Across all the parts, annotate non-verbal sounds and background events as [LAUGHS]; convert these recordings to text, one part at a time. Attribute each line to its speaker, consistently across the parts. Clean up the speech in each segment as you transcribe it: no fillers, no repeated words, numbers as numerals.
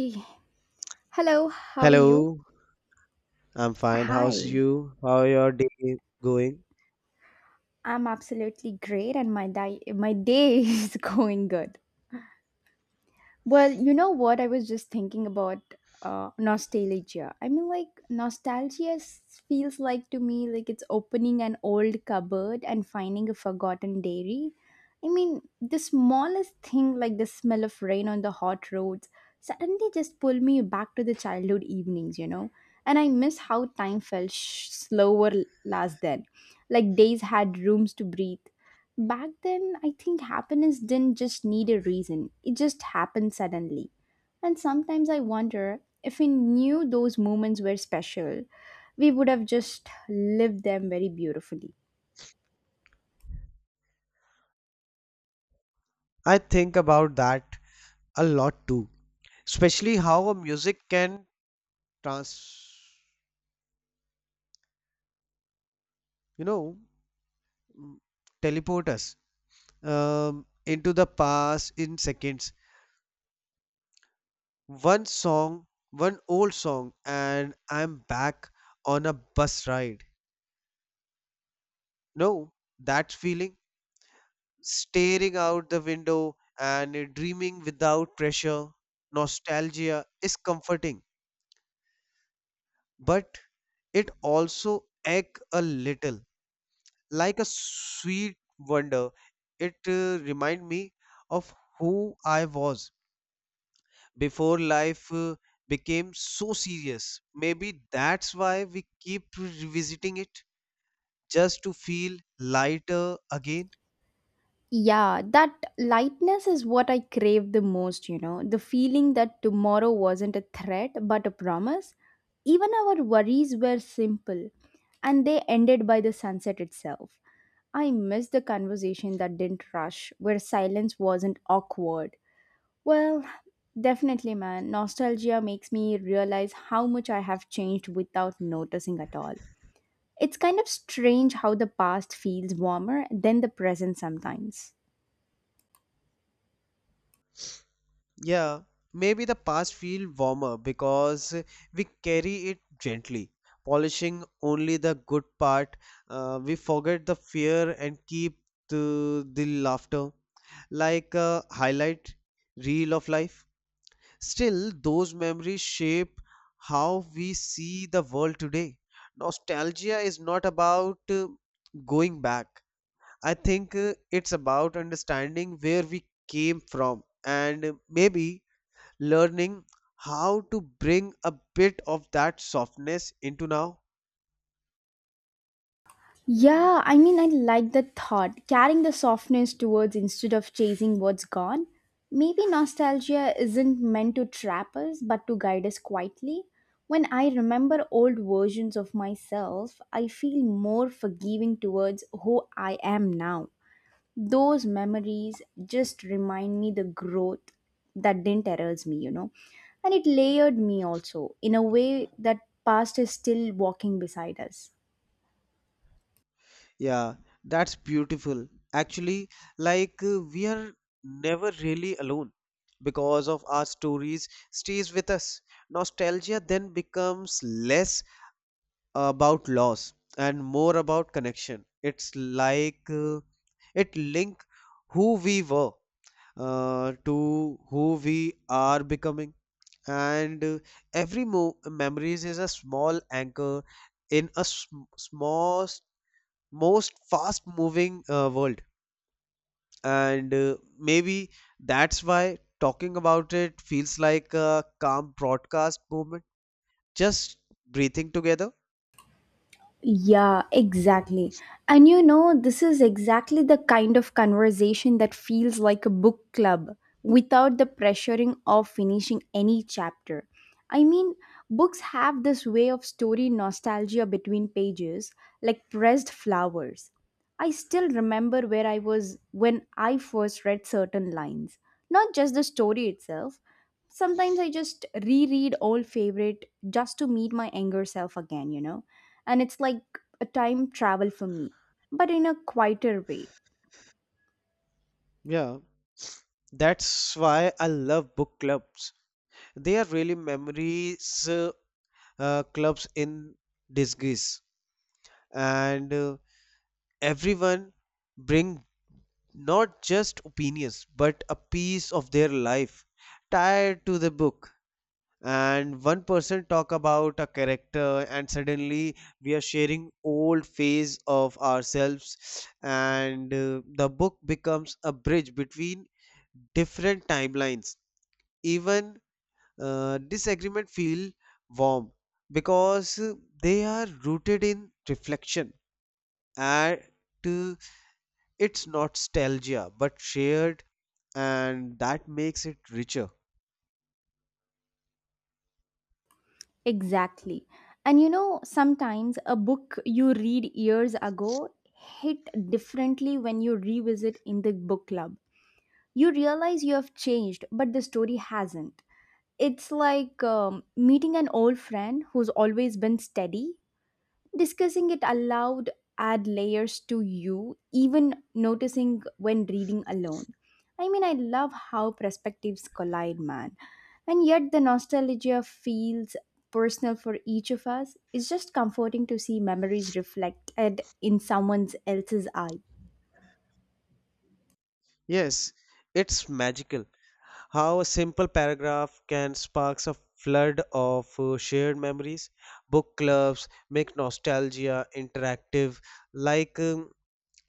Speaker 1: Hey. Hello, how are you?
Speaker 2: Hello, I'm fine. How's
Speaker 1: Hi.
Speaker 2: you? How your day going?
Speaker 1: I'm absolutely great and my day [LAUGHS] is going good. Well, you know what? I was just thinking about nostalgia. I mean, like, feels like to me like it's opening an old cupboard and finding a forgotten dairy. I mean, the smallest thing, like the smell of rain on the hot roads, suddenly just pull me back to the childhood evenings, you know? And I miss how time felt slower last then. Like, days had rooms to breathe. Back then, I think happiness didn't just need a reason, it just happened suddenly. And sometimes I wonder if we knew those moments were special, we would have just lived them very beautifully.
Speaker 2: I think about that a lot too, especially how a music can trans, you know, mm, teleport us into the past in seconds. One song, one old song, and I'm back on a bus ride. No, that feeling, staring out the window and dreaming without pressure, nostalgia is comforting, but it also ache a little, like a sweet wonder. It remind me of who I was before life became so serious. Maybe that's why we keep revisiting it, just to feel lighter again.
Speaker 1: Yeah, that lightness is what I crave the most, you know. The feeling that tomorrow wasn't a threat but a promise. Even our worries were simple and they ended by the sunset itself. I miss the conversation that didn't rush, where silence wasn't awkward. Well, definitely, man. Nostalgia makes me realize how much I have changed without noticing at all. It's kind of strange how the past feels warmer than the present sometimes.
Speaker 2: Yeah, maybe the past feel warmer because we carry it gently, polishing only the good part. We forget the fear and keep the laughter like a highlight reel of life. Still, those memories shape how we see the world today. Nostalgia is not about going back. I think it's about understanding where we came from and maybe learning how to bring a bit of that softness into now.
Speaker 1: Yeah, I mean, I like that thought, carrying the softness towards instead of chasing what's gone. Maybe nostalgia isn't meant to trap us, but to guide us quietly. When I remember old versions of myself, I feel more forgiving towards who I am now. Those memories just remind me the growth that didn't erase me, you know. And it layered me also in a way that past is still walking beside us.
Speaker 2: Yeah, that's beautiful. Actually, like we are never really alone because of our stories stays with us. Nostalgia then becomes less about loss and more about connection. It's like it link who we were to who we are becoming. And every memories is a small anchor in a small most fast moving world, and maybe that's why talking about it feels like a calm broadcast movement, just breathing together.
Speaker 1: Yeah, exactly. And you know, this is exactly the kind of conversation that feels like a book club without the pressuring of finishing any chapter. I mean, books have this way of story nostalgia between pages, like pressed flowers. I still remember where I was when I first read certain lines, not just the story itself. Sometimes I just reread old favorite just to meet my younger self again, you know. And it's like a time travel for me, but in a quieter way.
Speaker 2: Yeah, that's why I love book clubs. They are really memories clubs in disguise, and everyone bring not just opinions but a piece of their life tied to the book. And one person talk about a character and suddenly we are sharing old phase of ourselves, and the book becomes a bridge between different timelines. Even disagreement feel warm because they are rooted in reflection, and uh, it's nostalgia but shared, and that makes it richer.
Speaker 1: Exactly. And you know, sometimes a book you read years ago hit differently when you revisit in the book club. You realize you have changed, but the story hasn't. It's like meeting an old friend who's always been steady. Discussing it aloud add layers to you, even noticing when reading alone. I mean, I love how perspectives collide, man. And yet the nostalgia feels personal for each of us. It's just comforting to see memories reflected in someone else's eyes.
Speaker 2: Yes, it's magical how a simple paragraph can spark a flood of shared memories. Book clubs make nostalgia interactive, like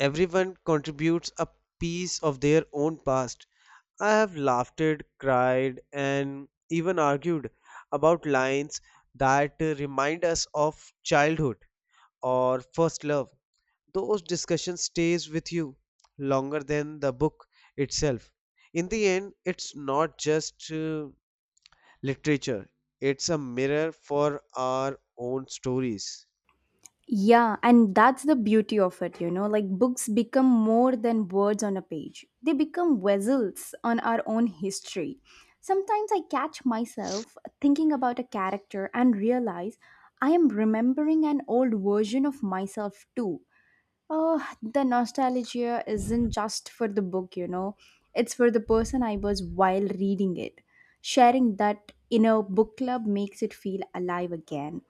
Speaker 2: everyone contributes a piece of their own past. I have laughed, cried, and even argued about lines that remind us of childhood or first love. Those discussions stays with you longer than the book itself. In the end, it's not just literature, it's a mirror for our own stories.
Speaker 1: Yeah, and that's the beauty of it, you know. Like books become more than words on a page, they become vessels on our own history. Sometimes I catch myself thinking about a character and realize I am remembering an old version of myself too. Oh, the nostalgia isn't just for the book, you know. It's for the person I was while reading it. Sharing that in a book club makes it feel alive again,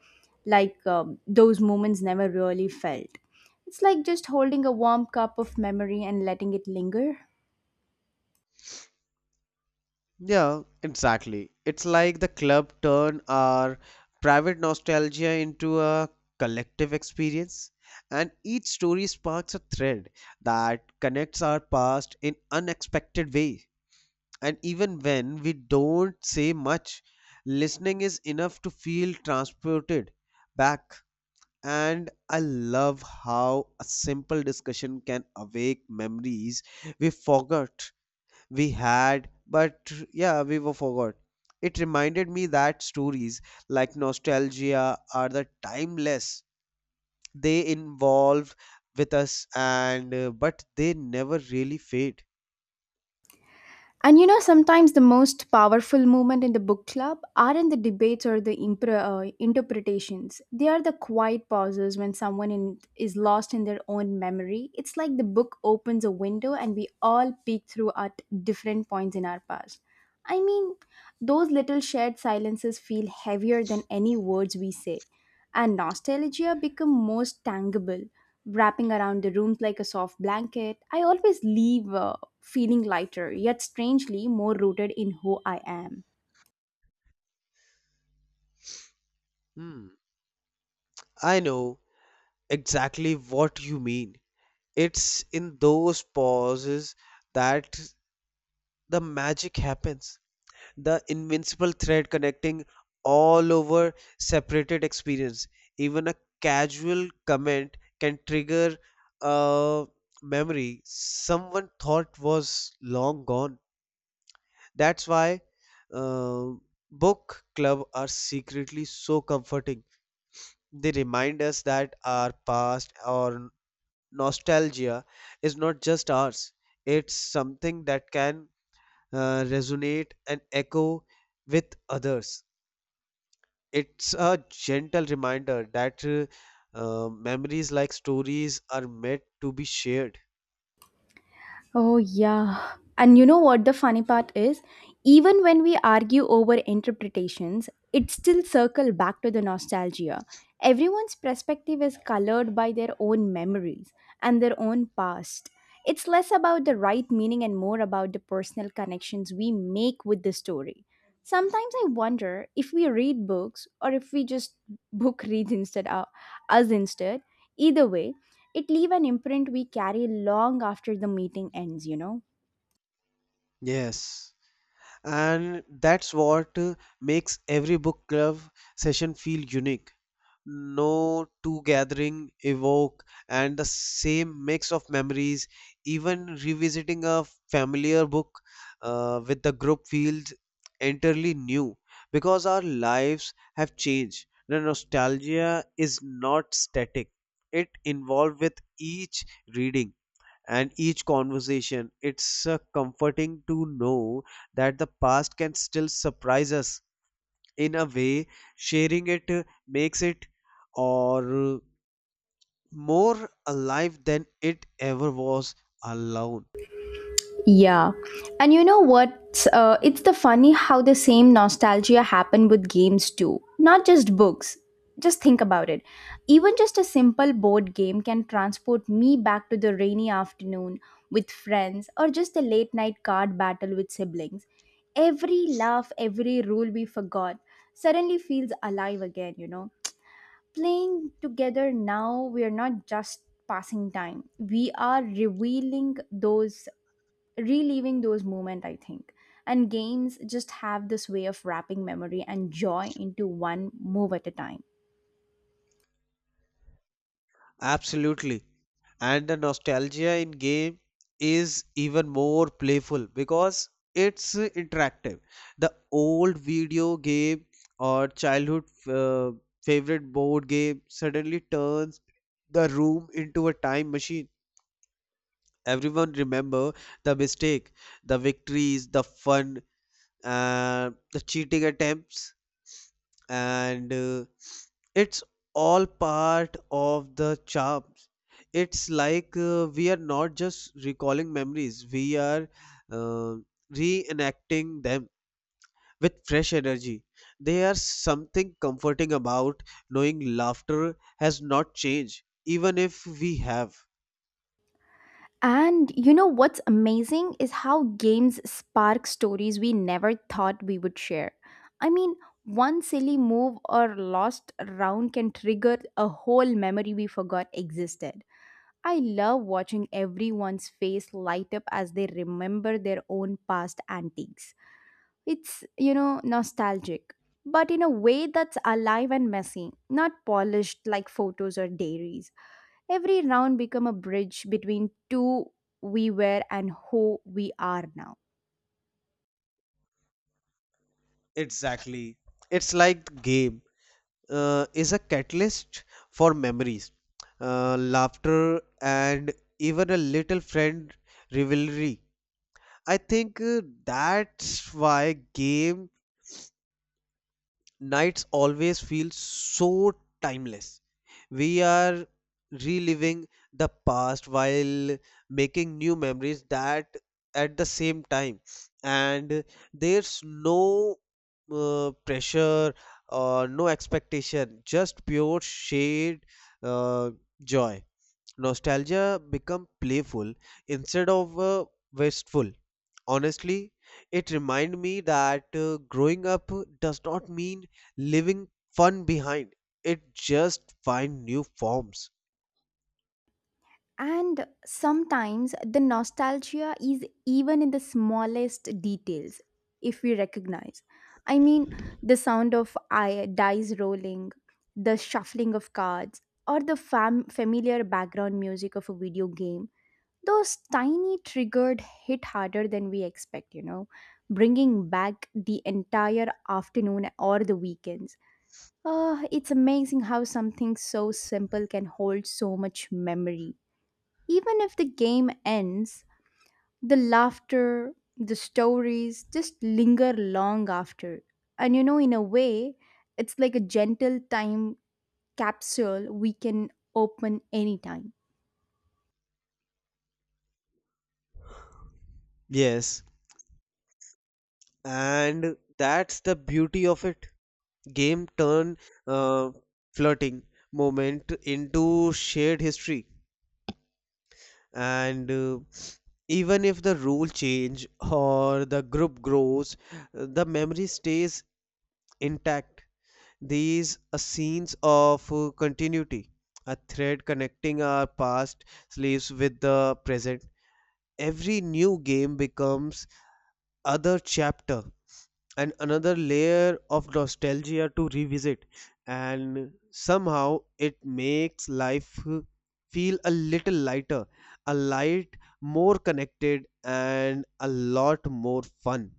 Speaker 1: like those moments never really felt. It's like just holding a warm cup of memory and letting it linger.
Speaker 2: Yeah, exactly, it's like the club turned our private nostalgia into a collective experience, and each story sparks a thread that connects our past in unexpected ways. And even when we don't say much, listening is enough to feel transported back. And I love how a simple discussion can awake memories we forgot we had, but yeah, we were forgot. It reminded me that stories like nostalgia are the timeless. They involve with us and but they never really fade.
Speaker 1: And you know, sometimes the most powerful moment in the book club aren't the debates or the interpretations. They are the quiet pauses when someone is lost in their own memory. It's like the book opens a window and we all peek through at different points in our past. I mean, those little shared silences feel heavier than any words we say, and nostalgia become most tangible wrapping around the rooms like a soft blanket. I always leave feeling lighter, yet strangely more rooted in who I am.
Speaker 2: Hmm. I know exactly what you mean. It's in those pauses that the magic happens. The invincible thread connecting all over separated experience. Even a casual comment can trigger a memory someone thought was long gone. That's why uh, book club are secretly so comforting. They remind us that our past or nostalgia is not just ours, it's something that can resonate and echo with others. It's a gentle reminder that memories like stories are meant to be shared.
Speaker 1: Oh, yeah. And you know what the funny part is? Even when we argue over interpretations, it still circle back to the nostalgia. Everyone's perspective is colored by their own memories and their own past. It's less about the right meaning and more about the personal connections we make with the story. Sometimes I wonder if we read books or if we just [LAUGHS] book reads instead of us instead. Either way, it leave an imprint we carry long after the meeting ends, you know.
Speaker 2: Yes. And that's what makes every book club session feel unique. No two gathering evoke and the same mix of memories. Even revisiting a familiar book with the group feels entirely new because our lives have changed. The nostalgia is not static, it evolves with each reading and each conversation. It's comforting to know that the past can still surprise us. In a way, sharing it makes it or more alive than it ever was alone.
Speaker 1: Yeah. And you know what, it's the funny how the same nostalgia happen with games too, not just books. Just think about it, even just a simple board game can transport me back to the rainy afternoon with friends or just a late night card battle with siblings. Every laugh, every rule we forgot suddenly feels alive again, you know. Playing together now, we are not just passing time, we are revealing those reliving those moments, I think. And games just have this way of wrapping memory and joy into one move at a time.
Speaker 2: Absolutely, and the nostalgia in game is even more playful because it's interactive. The old video game or childhood favorite board game suddenly turns the room into a time machine. Everyone remember the mistake, the victories, the fun, the cheating attempts, and it's all part of the charms. It's like we are not just recalling memories, we are uh, reenacting them with fresh energy. There's something comforting about knowing laughter has not changed even if we have.
Speaker 1: And you know what's amazing is how games spark stories we never thought we would share. I mean, one silly move or lost round can trigger a whole memory we forgot existed. I love watching everyone's face light up as they remember their own past antiques. It's, you know, nostalgic, but in a way that's alive and messy, not polished like photos or diaries. Every round become a bridge between two we were and who we are now.
Speaker 2: Exactly, it's like the game is a catalyst for memories, laughter, and even a little friend rivalry. I think that's why games nights always feel so timeless. We are reliving the past while making new memories that at the same time, and there's no pressure or no expectation, just pure shared uh, joy. Nostalgia become playful instead of wasteful. Honestly, it remind me that growing up does not mean leaving fun behind. It just find new forms.
Speaker 1: And sometimes the nostalgia is even in the smallest details, if we recognize. I mean, the sound of dice rolling, the shuffling of cards, or the familiar background music of a video game. Those tiny triggered hit harder than we expect, you know, bringing back the entire afternoon or the weekends. Ah, it's amazing how something so simple can hold so much memory. Even if the game ends, the laughter, the stories just linger long after. And you know, in a way, it's like a gentle time capsule we can open anytime.
Speaker 2: Yes, and that's the beauty of it. Game turn uh, flirting moment into shared history, and even if the rule change or the group grows, the memory stays intact. These are scenes of continuity, a thread connecting our past lives with the present. Every new game becomes other chapter and another layer of nostalgia to revisit, and somehow it makes life feel a little lighter, a light, more connected, and a lot more fun.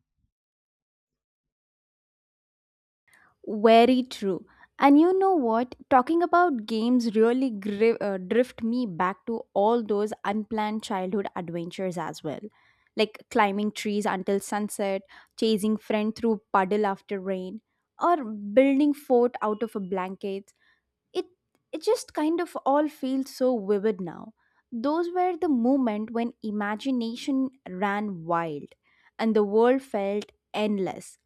Speaker 1: Very true. And you know what? Talking about games really drift me back to all those unplanned childhood adventures as well. Like climbing trees until sunset, chasing friend through puddle after rain, or building fort out of a blanket. It it just kind of all feels so vivid now. Those were the moment when imagination ran wild and the world felt endless.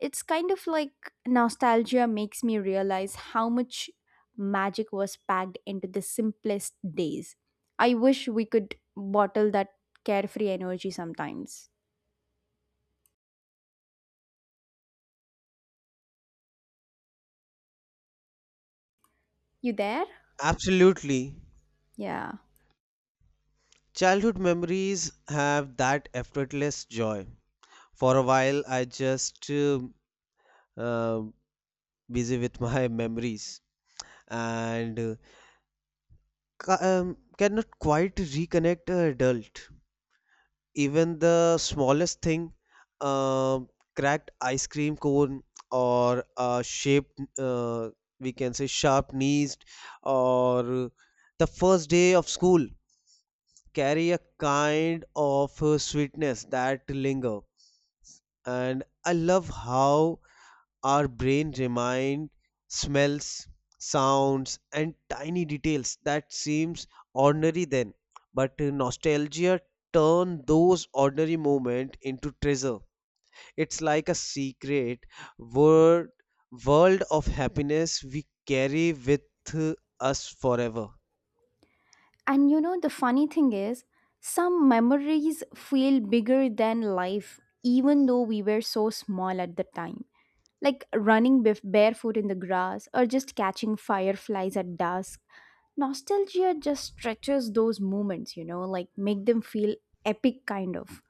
Speaker 1: It's kind of like nostalgia makes me realize how much magic was packed into the simplest days. I wish we could bottle that carefree energy sometimes. You there?
Speaker 2: Absolutely.
Speaker 1: Yeah.
Speaker 2: Childhood memories have that effortless joy. For a while, I just uh, busy with my [LAUGHS] memories, and cannot quite reconnect a adult. Even the smallest thing, uh, cracked ice cream cone or a shaped, we can say sharp knees, or the first day of school carry a kind of sweetness that linger. And I love how our brain remind smells, sounds, and tiny details that seems ordinary then, but nostalgia turn those ordinary moments into treasure. It's like a secret world world of happiness we carry with us forever.
Speaker 1: And you know, the funny thing is, some memories feel bigger than life, even though we were so small at the time. Like running barefoot in the grass or just catching fireflies at dusk. Nostalgia just stretches those moments, you know, like make them feel epic kind of.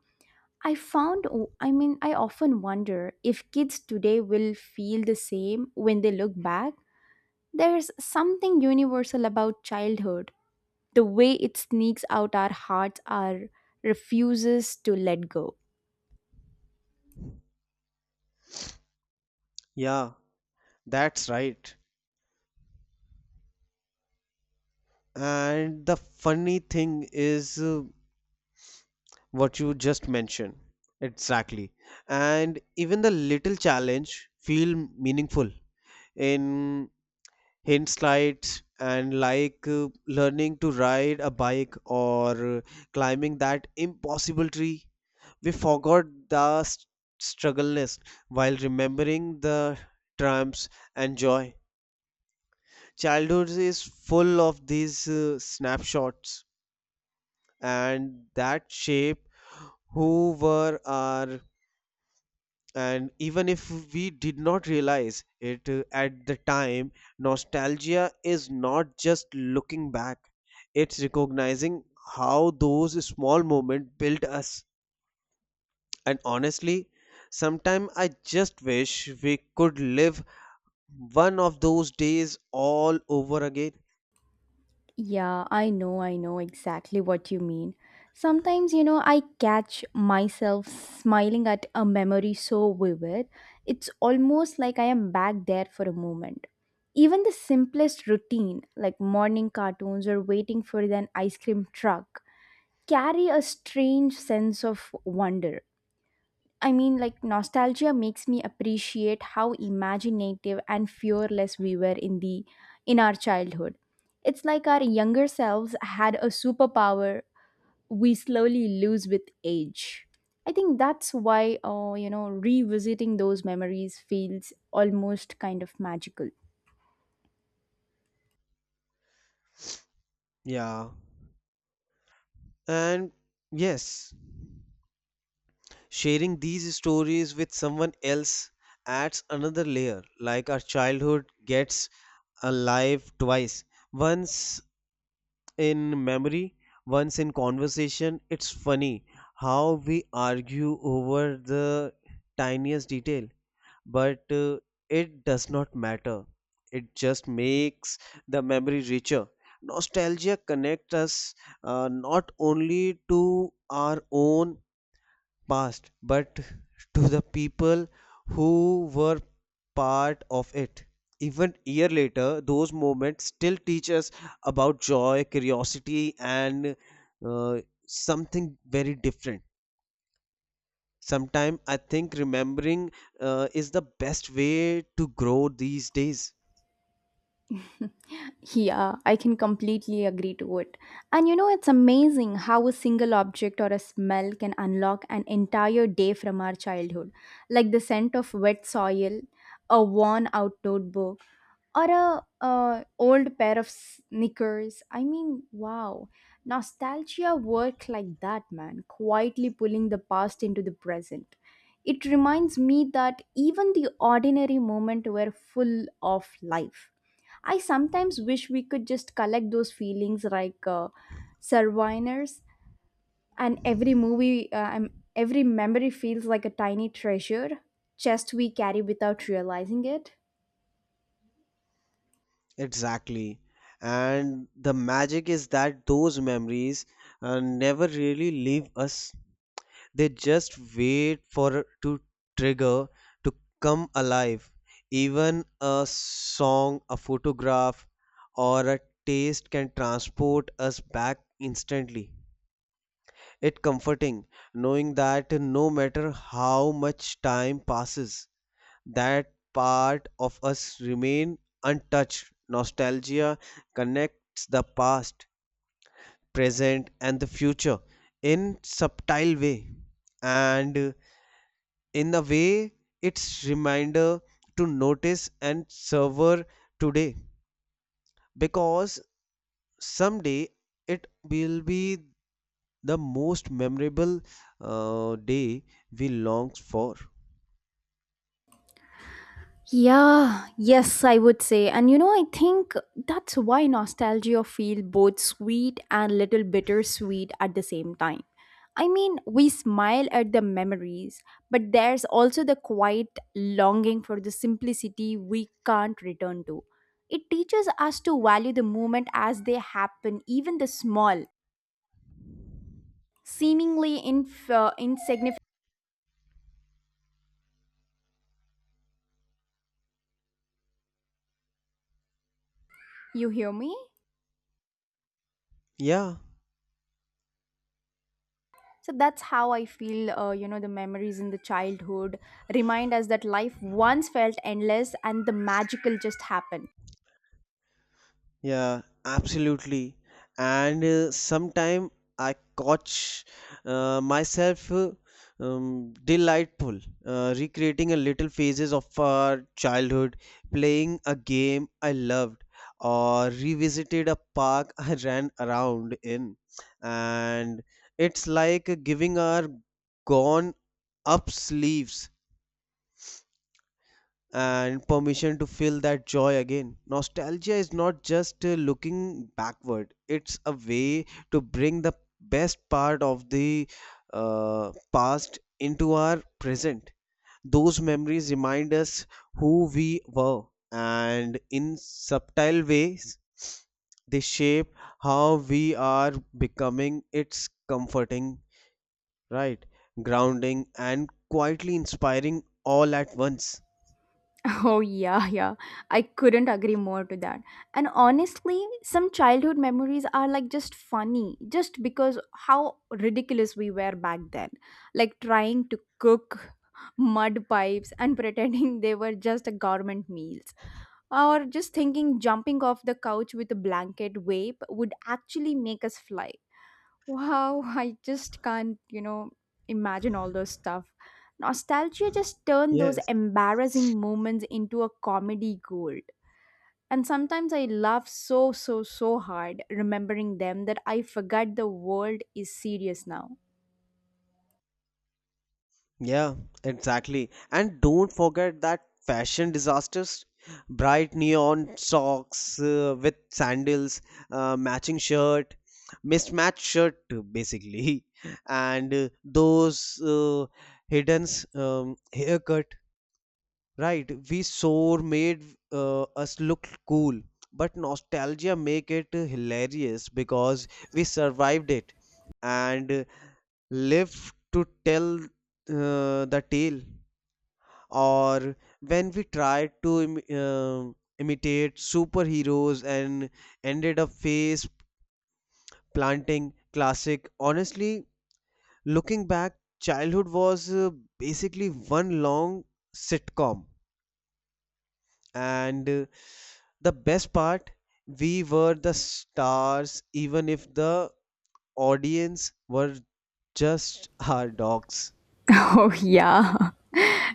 Speaker 1: I found I mean, I often wonder if kids today will feel the same when they look back. There's something universal about childhood. The way it sneaks out our hearts our refuses to let go.
Speaker 2: Yeah, that's right. And the funny thing is, what you just mentioned exactly. And even the little challenge feel meaningful in hindsight, and like learning to ride a bike or climbing that impossible tree, we forgot the struggle list while remembering the triumphs and joy. Childhood is full of these snapshots, and that shape who were our, and even if we did not realize it at the time, nostalgia is not just looking back, it's recognizing how those small moments built us. And honestly, sometimes I just wish we could live one of those days all over again.
Speaker 1: Yeah, I know exactly what you mean. Sometimes, you know, I catch myself smiling at a memory so vivid, it's almost like I am back there for a moment. Even the simplest routine, like morning cartoons or waiting for an ice cream truck, carry a strange sense of wonder. I mean, like, nostalgia makes me appreciate how imaginative and fearless we were in our childhood. It's like our younger selves had a superpower we slowly lose with age. I think that's why, you know, revisiting those memories feels almost kind of magical.
Speaker 2: Yeah, and yes, sharing these stories with someone else adds another layer. Like our childhood gets alive twice, once in memory, once in conversation. It's funny how we argue over the tiniest detail, but it does not matter, it just makes the memory richer. Nostalgia connects us, not only to our own past but to the people who were part of it. Even year later, those moments still teach us about joy, curiosity, and uh, something very different. Sometimes I think remembering is the best way to grow these days.
Speaker 1: [LAUGHS] Yeah, I can completely agree to it. And you know, it's amazing how a single object or a smell can unlock an entire day from our childhood, like the scent of wet soil, a worn out notebook, or a old pair of sneakers. I mean, wow, nostalgia work like that, man, quietly pulling the past into the present. It reminds me that even the ordinary moment were full of life. I sometimes wish we could just collect those feelings like souvenirs, and every movie, every memory feels like a tiny treasure chest we carry without realizing it.
Speaker 2: Exactly. And the magic is that those memories never really leave us. They just wait for to trigger to come alive. Even a song, a photograph, or a taste can transport us back instantly. It comforting knowing that no matter how much time passes, that part of us remain untouched. Nostalgia connects the past, present, and the future in subtle way, and in a way it's reminder to notice and savor today, because someday it will be the most memorable day we long for.
Speaker 1: Yeah, yes, I would say. And you know, I think that's why nostalgia feel both sweet and little bittersweet at the same time. I mean, we smile at the memories, but there's also the quiet longing for the simplicity we can't return to. It teaches us to value the moment as they happen, even the small, seemingly insignificant. You hear me?
Speaker 2: Yeah.
Speaker 1: So that's how I feel, you know, the memories in the childhood remind us that life once felt endless and the magical just happened. [LAUGHS]
Speaker 2: Yeah, absolutely. And sometime I catch myself delightful recreating a little phases of our childhood, playing a game I loved, or revisited a park [LAUGHS] I ran around in. And it's like giving our gone up sleeves and permission to feel that joy again. Nostalgia is not just looking backward, it's a way to bring the best part of the past into our present. Those memories remind us who we were, and in subtle ways, they shape how we are becoming. It's comforting, right? Grounding, and quietly inspiring all at once.
Speaker 1: Oh, yeah, yeah. I couldn't agree more to that. And honestly, some childhood memories are like just funny, just because how ridiculous we were back then. Like trying to cook mud pipes [LAUGHS] and pretending they were just a government meals, or just thinking jumping off the couch with a blanket vape would actually make us fly. Wow, [LAUGHS] I just can't, you know, imagine all those stuff. Nostalgia just turned those
Speaker 2: Yes.
Speaker 1: embarrassing moments into a comedy gold. And sometimes I laugh so, so, so hard remembering them that I forget the world is serious now.
Speaker 2: Yeah, exactly. And don't forget that fashion disasters. Bright neon socks with sandals, matching shirt, mismatched shirt basically, [LAUGHS] and those hidden haircut. Right, we sore made us look cool, but nostalgia make it hilarious because we survived it and live to tell the tale. Or when we tried to imitate superheroes and ended up face planting, classic. Honestly, looking back, childhood was basically one long sitcom, and the best part, we were the stars, even if the audience were just [LAUGHS] our dogs.
Speaker 1: Oh, yeah. [LAUGHS]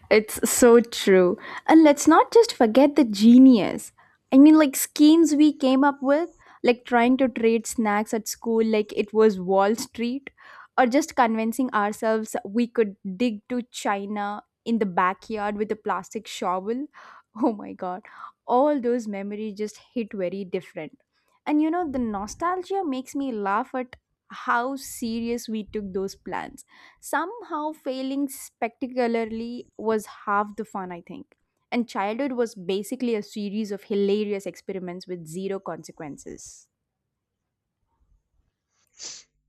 Speaker 1: It's so true. And let's not just forget the genius. I mean, like schemes we came up with, like trying to trade snacks at school like it was Wall Street, or just convincing ourselves we could dig to China in the backyard with a plastic shovel. [LAUGHS] Oh my god. All those memories just hit very different. And you know, the nostalgia makes me laugh at how serious we took those plans. Somehow, failing spectacularly was half the fun, I think. And childhood was basically a series of hilarious experiments with zero consequences.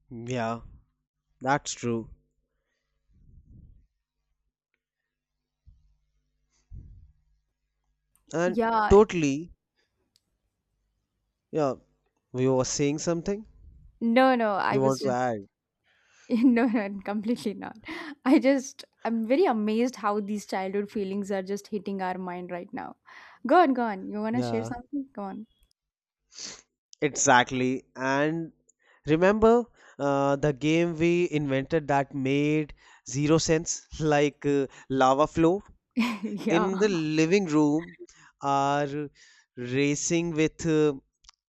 Speaker 2: Yeah, that's true. And
Speaker 1: Yeah.
Speaker 2: totally, yeah, we were saying something.
Speaker 1: no, no, I
Speaker 2: You want
Speaker 1: was
Speaker 2: to
Speaker 1: just,
Speaker 2: add?
Speaker 1: [LAUGHS] No, no, completely not. I'm very amazed how these childhood feelings are just hitting our mind right now. Go on, go on. You want to share
Speaker 2: Yeah,
Speaker 1: something? Go on.
Speaker 2: exactly. And remember the game we invented that made zero sense, [LAUGHS] like lava flow
Speaker 1: [LAUGHS]
Speaker 2: in
Speaker 1: Yeah.
Speaker 2: the living room, are racing with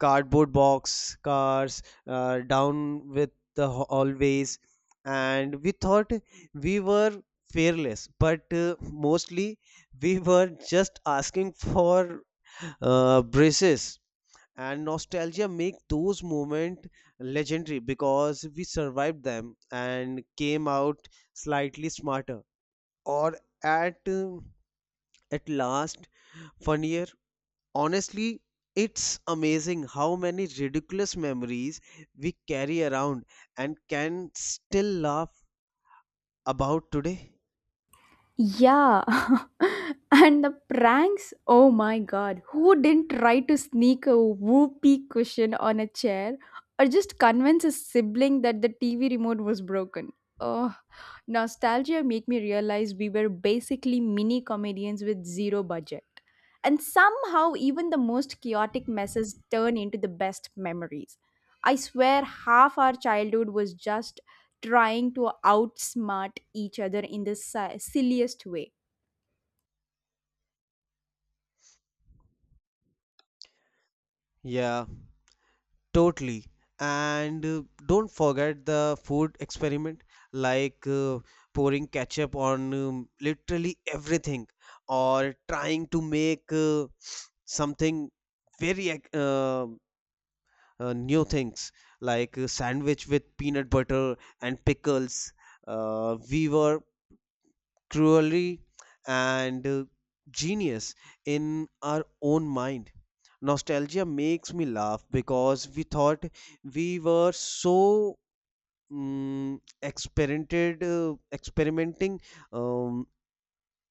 Speaker 2: cardboard box cars down with the hallways, and we thought we were fearless, but mostly we were just asking for braces. And nostalgia make those moments legendary because we survived them and came out slightly smarter, or at uh, at last funnier. Honestly, it's amazing how many ridiculous memories we carry around and can still laugh about today.
Speaker 1: Yeah. [LAUGHS] And the pranks, oh my god. Who didn't try to sneak a whoopee cushion on a chair or just convince a sibling that the TV remote was broken? Oh, nostalgia make me realize we were basically mini comedians with zero budget. And somehow even the most chaotic messes turn into the best memories. I swear half our childhood was just trying to outsmart each other in the silliest way. [LAUGHS]
Speaker 2: Yeah, totally. And don't forget the food experiment, like pouring ketchup on literally everything, or trying to make something very new things, like a sandwich with peanut butter and pickles. We were cruelty, and genius in our own mind. Nostalgia makes me laugh because we thought we were so experimenting um,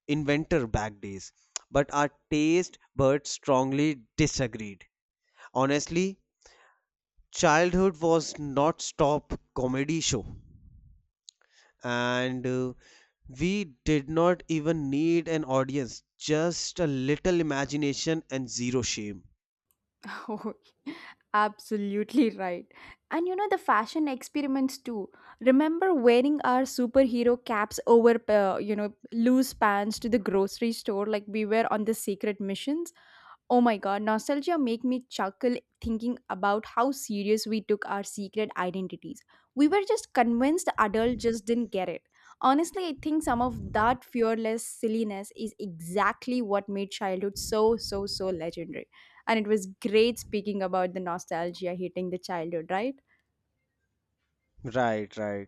Speaker 2: inventor back days, but our taste buds strongly disagreed. Honestly, childhood was not stop comedy show, and we did not even need an audience, just a little imagination and zero shame.
Speaker 1: Oh, absolutely right. And you know the fashion experiments too. Remember wearing our superhero caps over, you know, loose pants to the grocery store like we were on the secret missions? Oh my god, nostalgia make me chuckle thinking about how serious we took our secret identities. We were just convinced the adult just didn't get it. Honestly, I think some of that fearless silliness is exactly what made childhood so, so, so legendary. And it was great speaking about the nostalgia hitting the childhood, right?
Speaker 2: Right, right.